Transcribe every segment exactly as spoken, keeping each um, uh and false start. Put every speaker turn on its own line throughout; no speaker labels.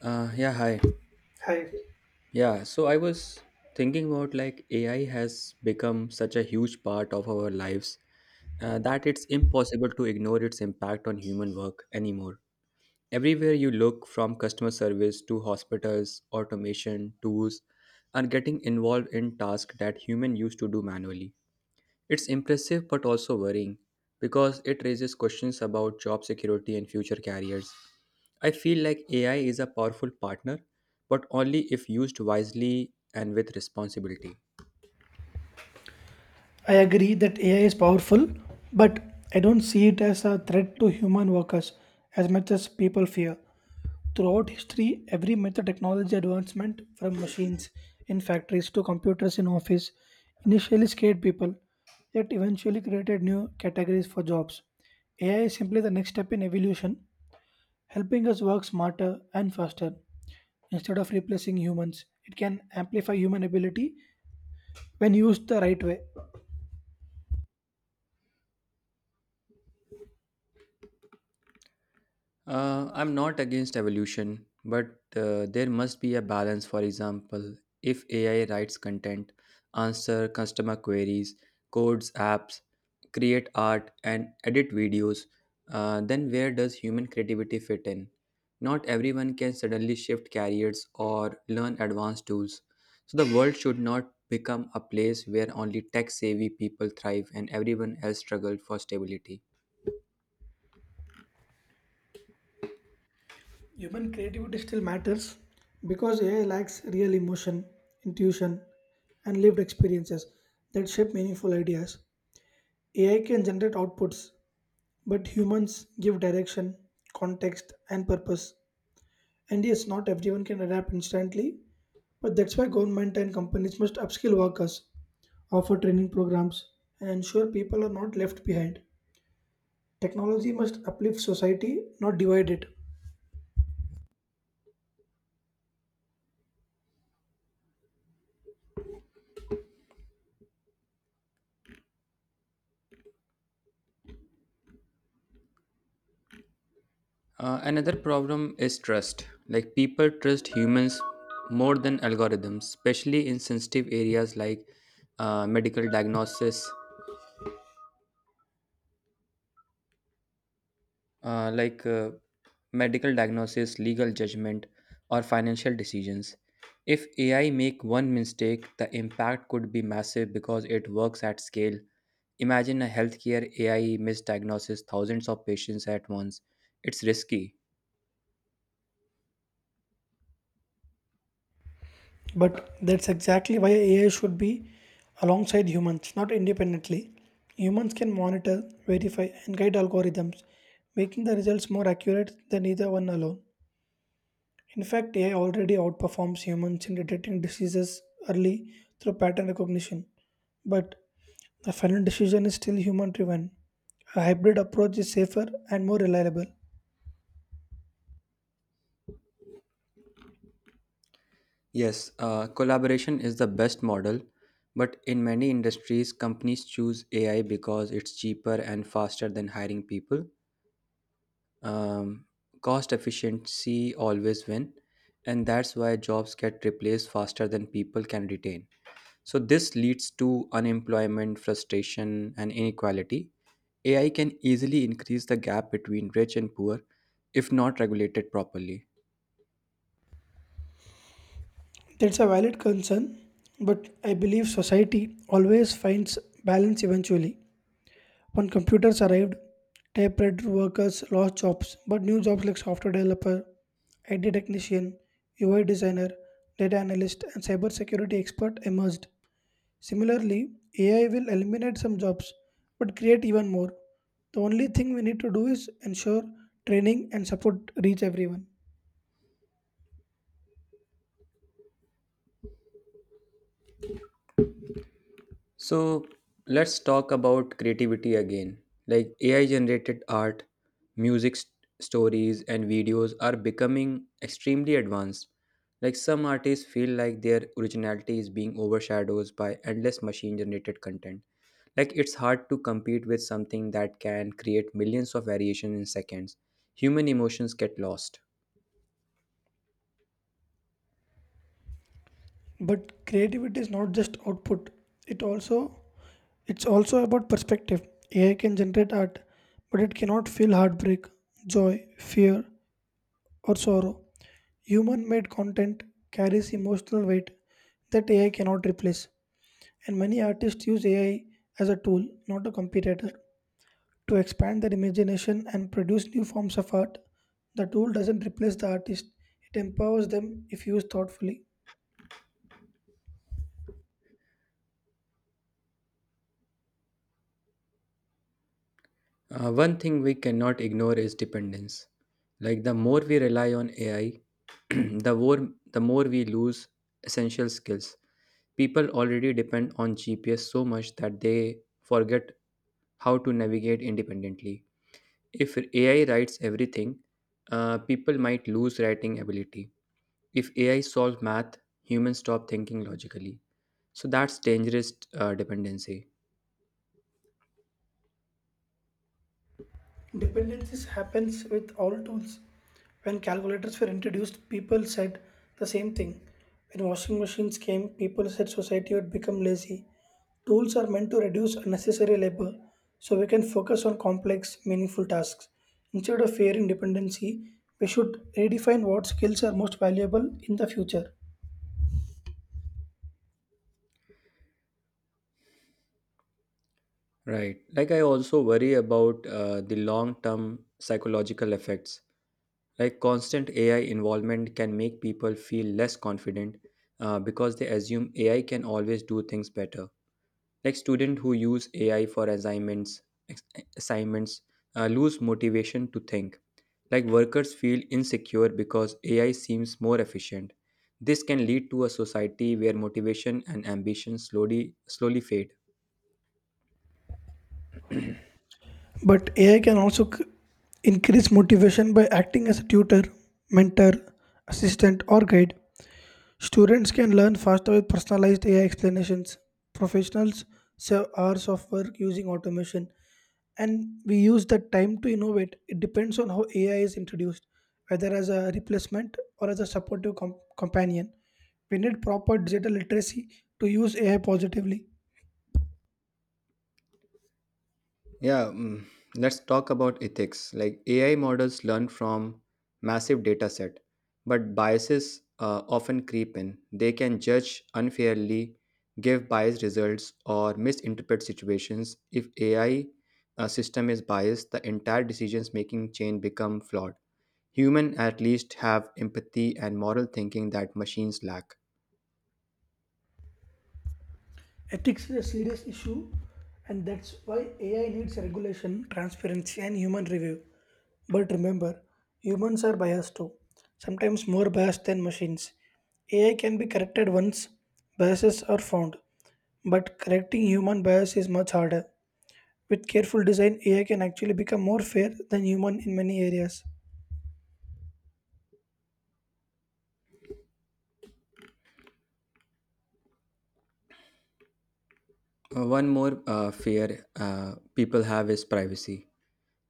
Uh, yeah, hi.
Hi.
Yeah, so I was thinking about like A I has become such a huge part of our lives uh, that it's impossible to ignore its impact on human work anymore. Everywhere you look, from customer service to hospitals, automation, tools, are getting involved in tasks that human used to do manually. It's impressive but also worrying because it raises questions about job security and future careers. I feel like A I is a powerful partner, but only if used wisely and with responsibility.
I agree that A I is powerful, but I don't see it as a threat to human workers as much as people fear. Throughout history, every major technology advancement, from machines in factories to computers in office, initially scared people, yet eventually created new categories for jobs. A I is simply the next step in evolution, helping us work smarter and faster. Instead of replacing humans, it can amplify human ability when used the right way.
Uh, I'm not against evolution, but uh, there must be a balance. For example, if A I writes content, answer customer queries, codes apps, create art, and edit videos, uh, then where does human creativity fit in? Not everyone can suddenly shift careers or learn advanced tools. So the world should not become a place where only tech savvy people thrive and everyone else struggled for stability.
Human creativity still matters because A I lacks real emotion, intuition, and lived experiences that shape meaningful ideas. A I can generate outputs, but humans give direction, context, and purpose. And yes, not everyone can adapt instantly, but that's why government and companies must upskill workers, offer training programs, and ensure people are not left behind. Technology must uplift society, not divide it.
Uh, another problem is trust. Like people trust humans more than algorithms, especially in sensitive areas like uh, medical diagnosis, uh, like uh, medical diagnosis, legal judgment, or financial decisions. If A I make one mistake, the impact could be massive because it works at scale. Imagine a healthcare A I misdiagnoses thousands of patients at once. It's risky.
But that's exactly why A I should be alongside humans, not independently. Humans can monitor, verify, and guide algorithms, making the results more accurate than either one alone. In fact, A I already outperforms humans in detecting diseases early through pattern recognition, but the final decision is still human driven. A hybrid approach is safer and more reliable.
Yes, uh, collaboration is the best model, but in many industries, companies choose A I because it's cheaper and faster than hiring people. Um, Cost efficiency always win, and that's why jobs get replaced faster than people can retain. So this leads to unemployment, frustration, and inequality. A I can easily increase the gap between rich and poor if not regulated properly.
That's a valid concern, but I believe society always finds balance eventually. When computers arrived, typewriter workers lost jobs, but new jobs like software developer, I T technician, U I designer, data analyst, and cybersecurity expert emerged. Similarly, A I will eliminate some jobs but create even more. The only thing we need to do is ensure training and support reach everyone.
So let's talk about creativity again. Like A I generated art, music, st- stories, and videos are becoming extremely advanced. Like some artists feel like their originality is being overshadowed by endless machine generated content. Like it's hard to compete with something that can create millions of variations in seconds. Human emotions get lost.
But creativity is not just output, it also it's also about perspective. AI can generate art, but it cannot feel heartbreak, joy, fear, or sorrow. Human made content carries emotional weight that AI cannot replace. And many artists use AI as a tool, not a competitor, to expand their imagination and produce new forms of art. The tool doesn't replace the artist, it empowers them if used thoughtfully.
Uh, one thing we cannot ignore is dependence. Like the more we rely on A I, the more the more we lose essential skills. People already depend on G P S so much that they forget how to navigate independently. If A I writes everything, uh, people might lose writing ability. If A I solves math, humans stop thinking logically. So that's dangerous uh, dependency.
Dependencies happens with all tools. When calculators were introduced, people said the same thing. When washing machines came, people said society would become lazy. Tools are meant to reduce unnecessary labor so we can focus on complex, meaningful tasks. Instead of fearing dependency, we should redefine what skills are most valuable in the future.
Right. Like I also worry about uh, the long term psychological effects. Like constant A I involvement can make people feel less confident uh, because they assume A I can always do things better. Like students who use A I for assignments, ex- assignments uh, lose motivation to think. Like workers feel insecure because A I seems more efficient. This can lead to a society where motivation and ambition slowly slowly fade.
But A I can also c- increase motivation by acting as a tutor, mentor, assistant, or guide. Students can learn faster with personalized A I explanations. Professionals save hours of work using automation, and we use that time to innovate. It depends on how A I is introduced, whether as a replacement or as a supportive com- companion. We need proper digital literacy to use A I positively.
Yeah, mm, let's talk about ethics. Like A I models learn from massive data set, but biases uh, often creep in. They can judge unfairly, give biased results, or misinterpret situations. If A I uh, system is biased, the entire decisions making chain become flawed. Human at least have empathy and moral thinking that machines lack.
Ethics is a serious issue, and that's why A I needs regulation, transparency, and human review. But remember, humans are biased too, sometimes more biased than machines. A I can be corrected once biases are found, but correcting human bias is much harder. With careful design, A I can actually become more fair than human in many areas.
Uh, One more uh, fear uh, people have is privacy.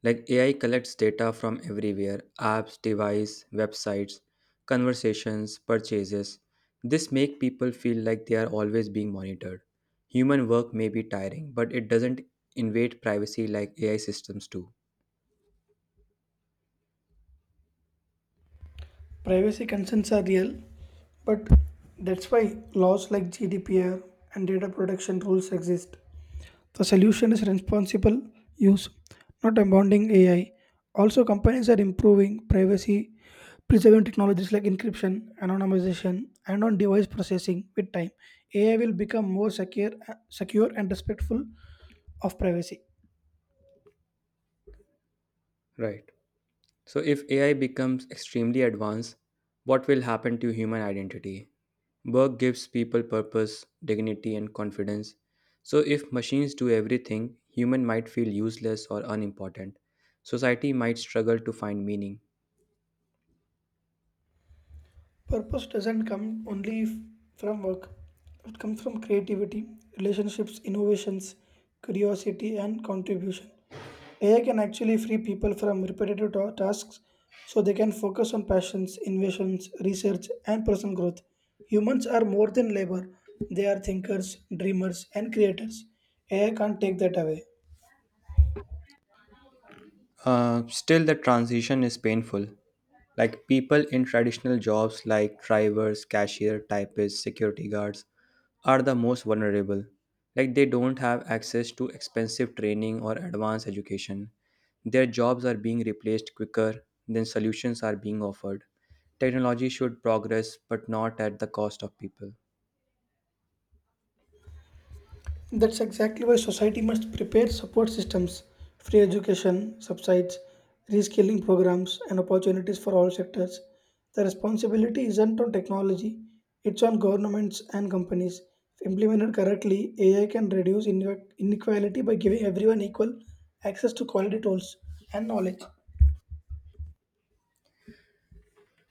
Like A I collects data from everywhere apps, device, websites, conversations, purchases. This make people feel like they are always being monitored. Human work may be tiring, but it doesn't invade privacy like A I systems do.
Privacy concerns are real, but that's why laws like G D P R and data protection rules exist. The solution is responsible use, not abounding A I. Also, companies are improving privacy preserving technologies like encryption, anonymization, and on device processing with time. A I will become more secure, secure and respectful of privacy.
Right. So, if A I becomes extremely advanced, what will happen to human identity? Work gives people purpose, dignity, and confidence. So, if machines do everything, human might feel useless or unimportant. Society might struggle to find meaning.
Purpose doesn't come only f- from work, it comes from creativity, relationships, innovations, curiosity, and contribution. A I can actually free people from repetitive ta- tasks so they can focus on passions, innovations, research, and personal growth. Humans are more than labor, they are thinkers, dreamers, and creators. A I can't take that away.
Uh, still, the transition is painful. Like people in traditional jobs like drivers, cashier, typists, security guards, are the most vulnerable. Like they don't have access to expensive training or advanced education. Their jobs are being replaced quicker than solutions are being offered. Technology should progress, but not at the cost of people.
That's exactly why society must prepare support systems, free education, subsides, reskilling programs, and opportunities for all sectors. The responsibility isn't on technology, it's on governments and companies. If implemented correctly, A I can reduce inequ- inequality by giving everyone equal access to quality tools and knowledge.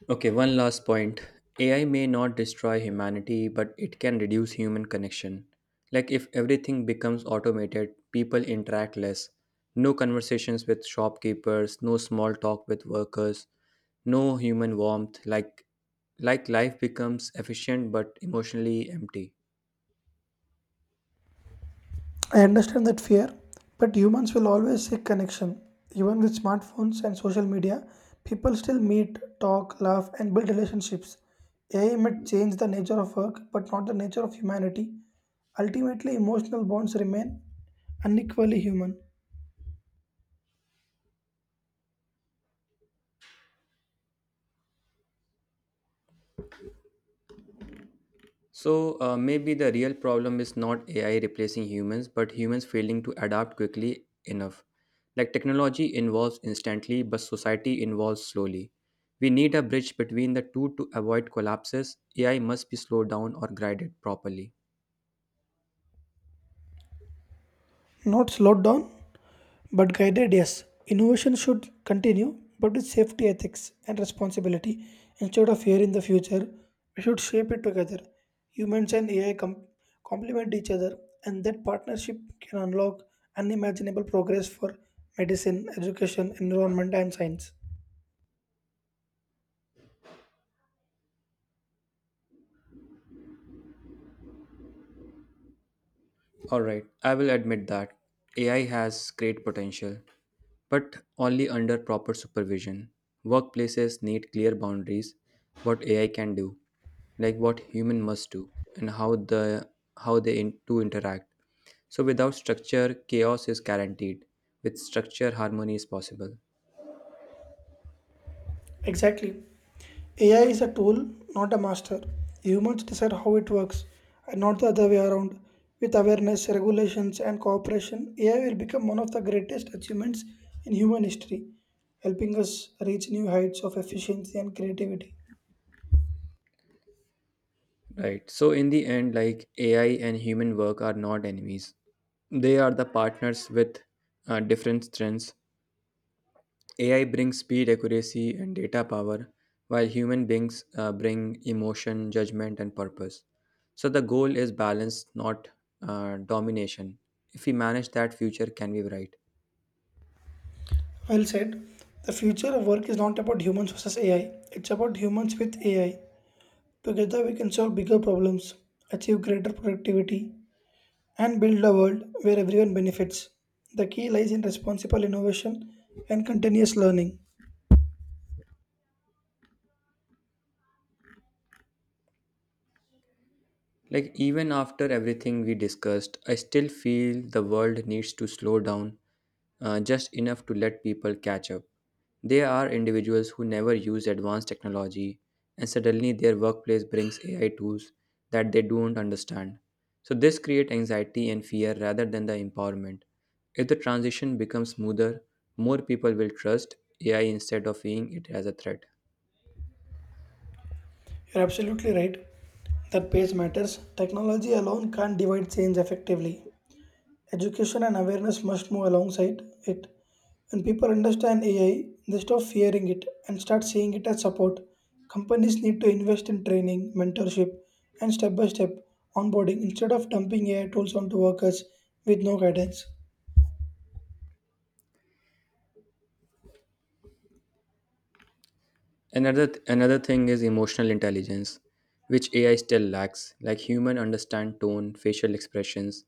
Okay, one last point. A I may not destroy humanity, but it can reduce human connection. Like if everything becomes automated, people interact less. No conversations with shopkeepers, no small talk with workers, no human warmth. Like like life becomes efficient but emotionally empty.
I understand that fear, but humans will always seek connection. Even with smartphones and social media, people still meet, talk, laugh, and build relationships. A I might change the nature of work, but not the nature of humanity. Ultimately, emotional bonds remain unequally human.
So uh, maybe the real problem is not A I replacing humans, but humans failing to adapt quickly enough. Like technology evolves instantly, but society evolves slowly. We need a bridge between the two to avoid collapses. A I must be slowed down or guided properly.
Not slowed down, but guided, yes. Innovation should continue, but with safety ethics and responsibility. Instead of fear in the future, we should shape it together. Humans and A I com- complement each other, and that partnership can unlock unimaginable progress for medicine, education, environment, and science.
All right, I will admit that A I has great potential, but only under proper supervision. Workplaces need clear boundaries what A I can do, like what human must do, and how the how they in, to interact. So without structure, chaos is guaranteed. With structure, harmony is possible.
Exactly. A I is a tool, not a master. Humans decide how it works, and not the other way around. With awareness, regulations, and cooperation, A I will become one of the greatest achievements in human history, helping us reach new heights of efficiency and creativity.
Right. So in the end, like A I and human work are not enemies. They are the partners with uh, different strengths. A I brings speed, accuracy, and data power, while human beings uh, bring emotion, judgment, and purpose. So the goal is balance, not uh, domination. If we manage that, future can be bright.
Well said. The future of work is not about humans versus A I, it's about humans with A I. Together, we can solve bigger problems, achieve greater productivity, and build a world where everyone benefits. The key lies in responsible innovation and continuous learning.
Like, even after everything we discussed, I still feel the world needs to slow down uh, just enough to let people catch up. There are individuals who never use advanced technology, and suddenly their workplace brings A I tools that they don't understand. So, this creates anxiety and fear rather than the empowerment. If the transition becomes smoother, more people will trust A I instead of seeing it as a threat.
You're absolutely right that pace matters. Technology alone can't divide change effectively. Education and awareness must move alongside it. When people understand A I, they stop fearing it and start seeing it as support. Companies need to invest in training, mentorship, and step by step onboarding instead of dumping A I tools onto workers with no guidance.
Another another thing is emotional intelligence, which A I still lacks, like human understand tone, facial expressions,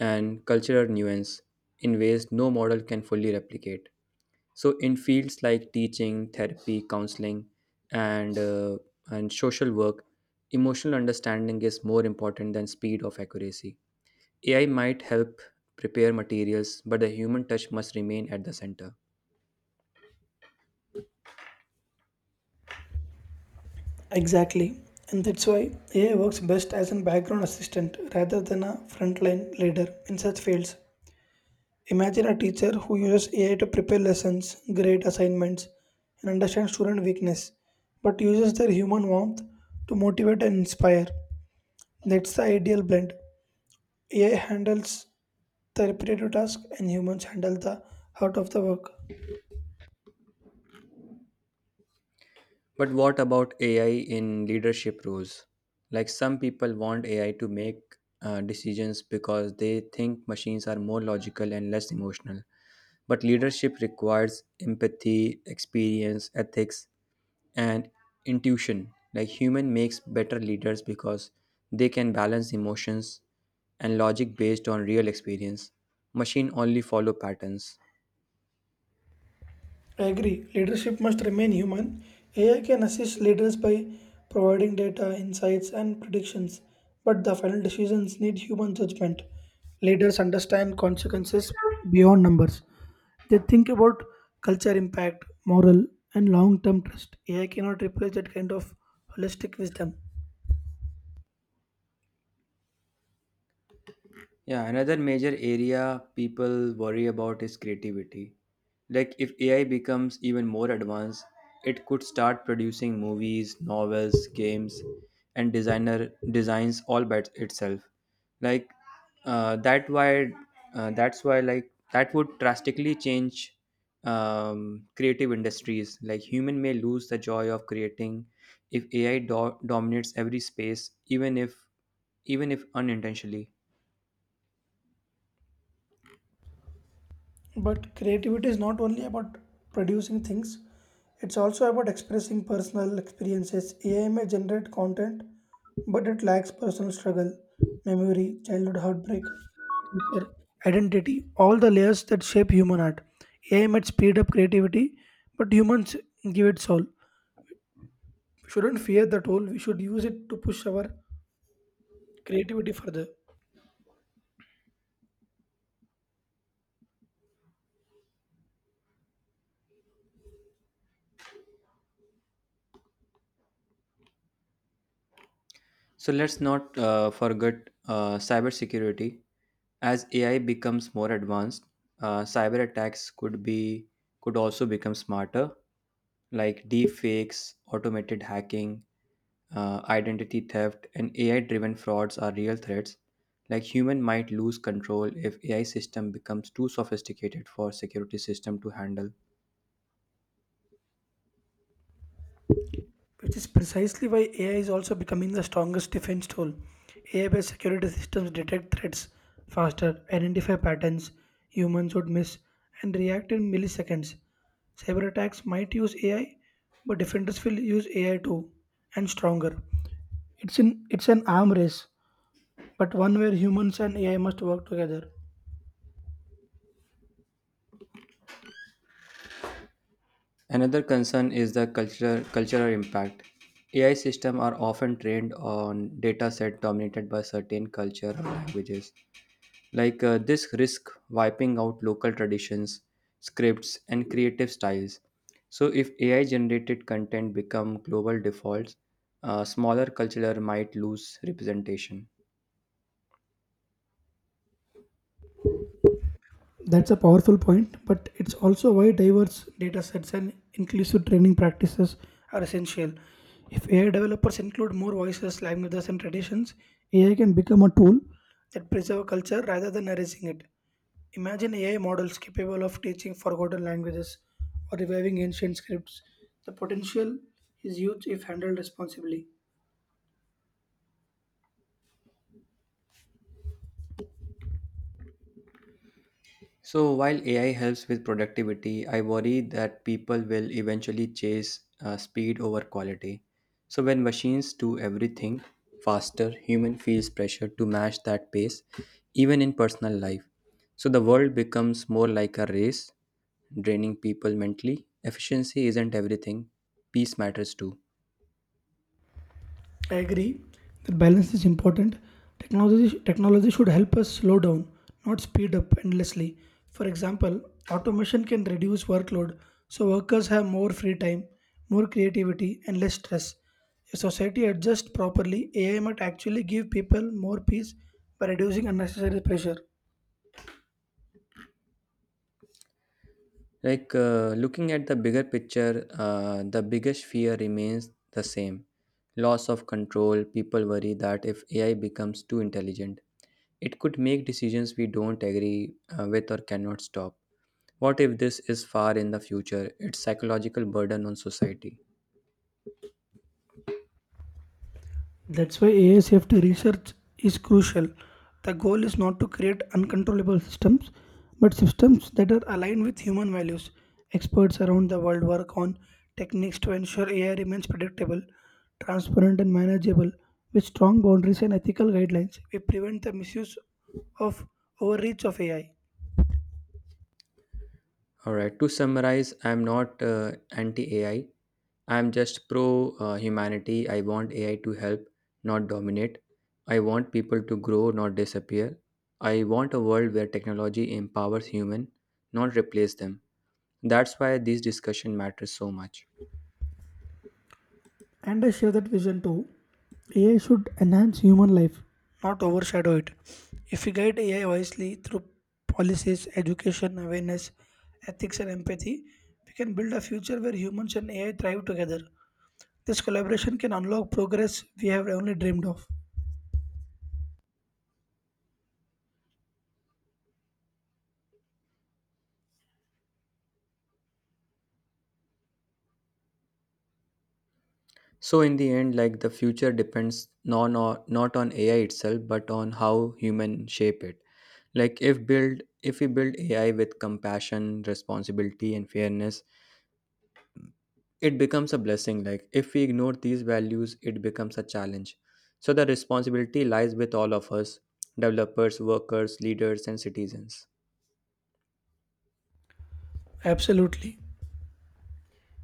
and cultural nuance in ways no model can fully replicate. So in fields like teaching, therapy, counseling, and uh, and social work, emotional understanding is more important than speed of accuracy. A I might help prepare materials, but the human touch must remain at the center.
Exactly. And that's why A I works best as a background assistant rather than a frontline leader in such fields. Imagine a teacher who uses A I to prepare lessons, grade assignments, and understand student weakness, but uses their human warmth to motivate and inspire. That's the ideal blend. A I handles the repetitive task and humans handle the heart of the work.
But what about A I in leadership roles? Like some people want A I to make uh, decisions because they think machines are more logical and less emotional. But leadership requires empathy, experience, ethics, and intuition. Like human makes better leaders because they can balance emotions and logic based on real experience. Machine only follow patterns.
I agree. Leadership must remain human. A I can assist leaders by providing data, insights, and predictions, but the final decisions need human judgment. Leaders understand consequences beyond numbers. They think about culture impact, moral, and long term trust. A I cannot replace that kind of holistic wisdom.
Yeah, another major area people worry about is creativity. Like, if A I becomes even more advanced, it could start producing movies, novels, games, and designer designs all by itself. Like, uh, that why uh, that's why like that would drastically change um, creative industries. Like, human may lose the joy of creating if A I do- dominates every space, even if even if unintentionally.
But creativity is not only about producing things, it's also about expressing personal experiences. A I may generate content, but it lacks personal struggle, memory, childhood heartbreak, culture, identity, all the layers that shape human art. A I might speed up creativity, but humans give it soul. We shouldn't fear the tool, we should use it to push our creativity further.
So let's not uh, forget uh, cybersecurity. As A I becomes more advanced, uh, cyber attacks could be could also become smarter, like deep fakes, automated hacking, uh, identity theft, and A I-driven frauds are real threats. Like human might lose control if A I system becomes too sophisticated for security system to handle.
Which is precisely why A I is also becoming the strongest defense tool. A I based security systems detect threats faster, identify patterns humans would miss, and react in milliseconds. Cyber attacks might use A I, but defenders will use A I too, and stronger. It's, in, it's an arm race, but one where humans and A I must work together.
Another concern is the cultural cultural impact. A I systems are often trained on data set dominated by certain culture or languages. Like uh, this risk wiping out local traditions, scripts, and creative styles. So if A I generated content become global defaults, uh, smaller culture might lose representation.
That's a powerful point, but it's also why diverse data sets and inclusive training practices are essential. If A I developers include more voices, languages, and traditions, A I can become a tool that preserves culture rather than erasing it. Imagine A I models capable of teaching forgotten languages or reviving ancient scripts. The potential is huge if handled responsibly.
So while A I helps with productivity, I worry that people will eventually chase uh, speed over quality. So when machines do everything faster, human feels pressure to match that pace, even in personal life. So the world becomes more like a race, draining people mentally. Efficiency isn't everything; peace matters too.
I agree that balance is important. Technology, technology should help us slow down, not speed up endlessly. For example, automation can reduce workload so workers have more free time, more creativity, and less stress. If society adjusts properly, A I might actually give people more peace by reducing unnecessary pressure.
Like uh, looking at the bigger picture, uh, the biggest fear remains the same loss of control. People worry that if A I becomes too intelligent, it could make decisions we don't agree uh, with or cannot stop. What if this is far in the future? It's psychological burden on society.
That's why A I safety research is crucial. The goal is not to create uncontrollable systems, but systems that are aligned with human values. Experts around the world work on techniques to ensure A I remains predictable, transparent, and manageable with strong boundaries and ethical guidelines. We prevent the misuse of overreach of A I.
All right, to summarize, I'm not uh, anti A I, I'm just pro uh, humanity. I want A I to help, not dominate. I want people to grow, not disappear. I want a world where technology empowers human, not replace them. That's why this discussion matters so much.
And I share that vision too. A I should enhance human life, not overshadow it. If we guide A I wisely through policies, education, awareness, ethics, and empathy, we can build a future where humans and A I thrive together. This collaboration can unlock progress we have only dreamed of.
So in the end, like the future depends non or not on A I itself, but on how human shape it. Like if build if we build A I with compassion, responsibility, and fairness, it becomes a blessing. Like if we ignore these values, it becomes a challenge. So the responsibility lies with all of us: developers, workers, leaders, and citizens.
Absolutely.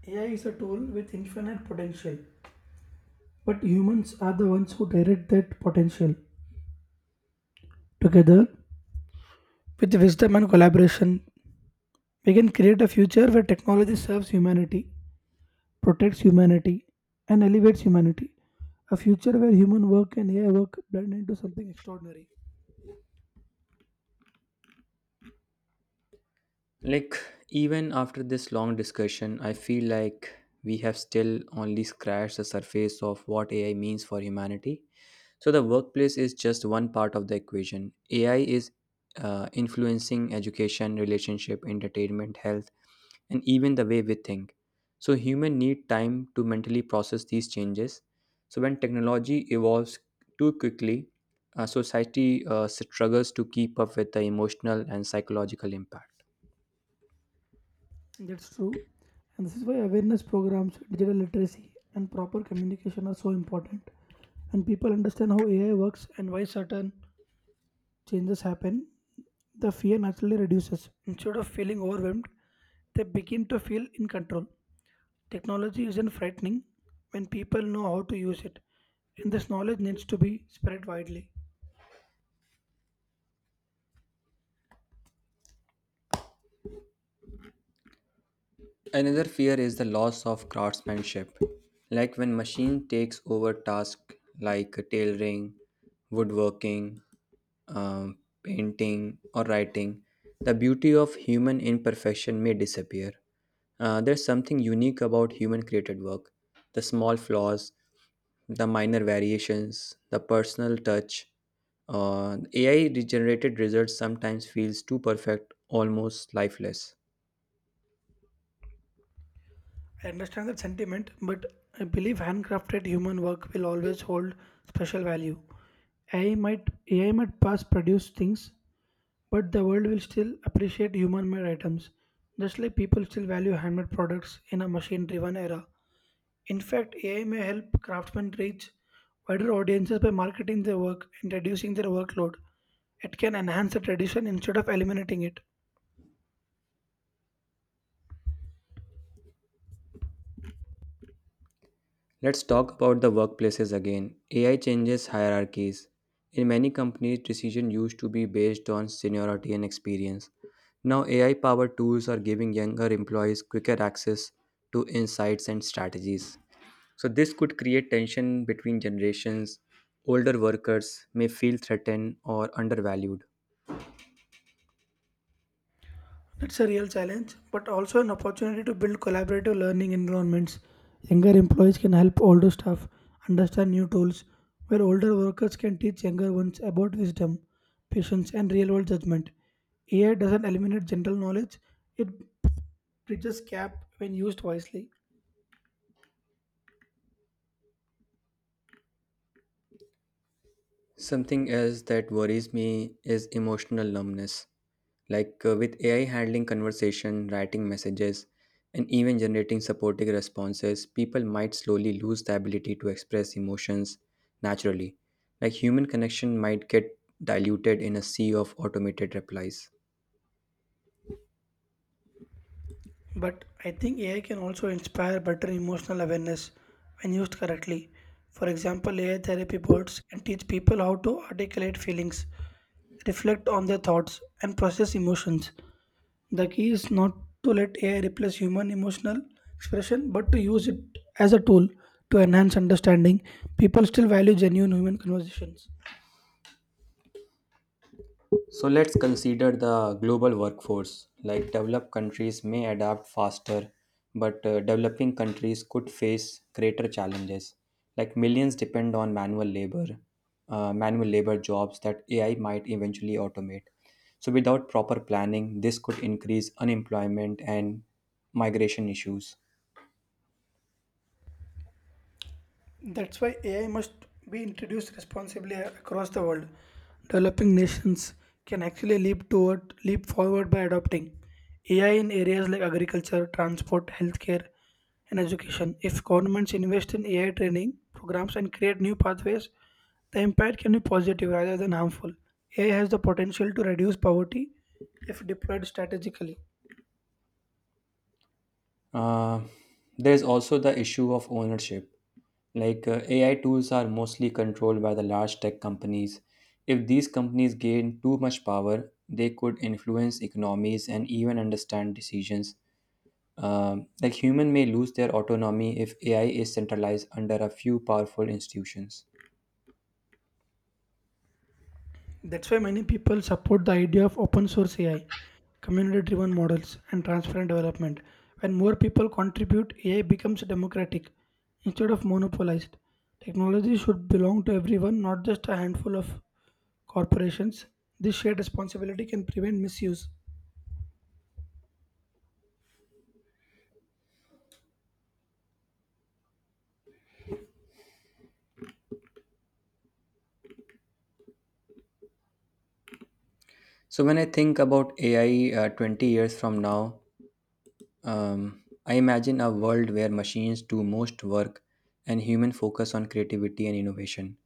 A I is a tool with infinite potential, but humans are the ones who direct that potential. Together, with wisdom and collaboration, we can create a future where technology serves humanity, protects humanity, and elevates humanity. A future where human work and A I work blend into something extraordinary.
Like, even after this long discussion, I feel like we have still only scratched the surface of what AI means for humanity. So the workplace is just one part of the equation. AI is uh, influencing education, relationship, entertainment, health, and even the way we think. So human need time to mentally process these changes. So when technology evolves too quickly, uh, society uh, struggles to keep up with the emotional and psychological impact.
That's true. And this is why awareness programs, digital literacy, and proper communication are so important. When people understand how A I works and why certain changes happen, the fear naturally reduces. Instead of feeling overwhelmed, they begin to feel in control. Technology isn't frightening when people know how to use it, and this knowledge needs to be spread widely.
Another fear is the loss of craftsmanship, like when machine takes over tasks like tailoring, woodworking, um, painting, or writing. The beauty of human imperfection may disappear. Uh, there's something unique about human created work: the small flaws, the minor variations, the personal touch. Uh, A I generated results sometimes feels too perfect, almost lifeless.
I understand that sentiment, but I believe handcrafted human work will always hold special value. A I might A I might pass produce things, but the world will still appreciate human-made items, just like people still value handmade products in a machine-driven era. In fact, A I may help craftsmen reach wider audiences by marketing their work and reducing their workload. It can enhance the tradition instead of eliminating it.
Let's talk about the workplaces again. A I changes hierarchies. In many companies, decision used to be based on seniority and experience. Now, A I powered tools are giving younger employees quicker access to insights and strategies. So, this could create tension between generations. Older workers may feel threatened or undervalued.
It's a real challenge, but also an opportunity to build collaborative learning environments. Younger employees can help older staff understand new tools, while older workers can teach younger ones about wisdom, patience, and real world judgment. A I doesn't eliminate general knowledge, it bridges gap when used wisely.
Something else that worries me is emotional numbness. Like uh, with A I handling conversation, writing messages, and even generating supporting responses, people might slowly lose the ability to express emotions naturally. Like human connection might get diluted in a sea of automated replies.
But I think A I can also inspire better emotional awareness when used correctly. For example, A I therapy bots can teach people how to articulate feelings, reflect on their thoughts, and process emotions. The key is not to let A I replace human emotional expression, but to use it as a tool to enhance understanding. People still value genuine human conversations.
So let's consider the global workforce. Like developed countries may adapt faster, but uh, developing countries could face greater challenges. Like millions depend on manual labor, uh, manual labor jobs that A I might eventually automate. So without proper planning, this could increase unemployment and migration issues.
That's why A I must be introduced responsibly a- across the world. Developing nations can actually leap toward leap forward by adopting A I in areas like agriculture, transport, healthcare, and education. If governments invest in A I training programs and create new pathways, the impact can be positive rather than harmful. A I has the potential to reduce poverty if deployed strategically.
Uh, there's also the issue of ownership. Like uh, A I tools are mostly controlled by the large tech companies. If these companies gain too much power, they could influence economies and even understand decisions. Um, like human may lose their autonomy if A I is centralized under a few powerful institutions.
That's why many people support the idea of open source A I, community driven models, and transparent development. When more people contribute, A I becomes democratic instead of monopolized. Technology should belong to everyone, not just a handful of corporations. This shared responsibility can prevent misuse.
So when I think about A I uh, twenty years from now, Um, I imagine a world where machines do most work and human focus on creativity and innovation.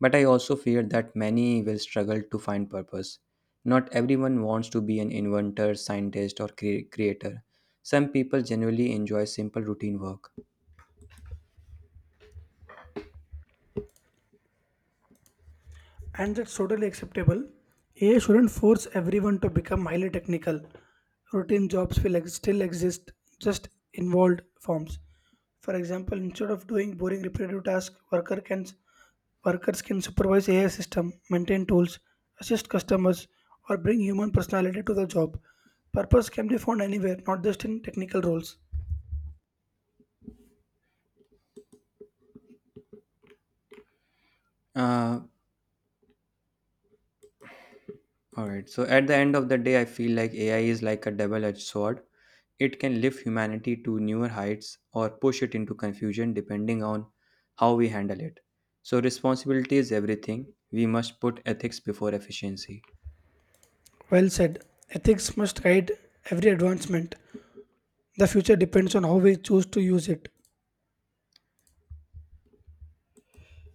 But I also fear that many will struggle to find purpose. Not everyone wants to be an inventor, scientist, or cre- creator. Some people generally enjoy simple routine work.
And that's totally acceptable. A I shouldn't force everyone to become highly technical. Routine jobs will ex- still exist, just involved forms. For example, instead of doing boring repetitive tasks, worker can workers can supervise A I system, maintain tools, assist customers, or bring human personality to the job. Purpose can be found anywhere, not just in technical roles.
Uh, All right. So at the end of the day, I feel like A I is like a double-edged sword. It can lift humanity to newer heights or push it into confusion depending on how we handle it. So responsibility is everything. We must put ethics before efficiency.
Well said. Ethics must guide every advancement. The future depends on how we choose to use it.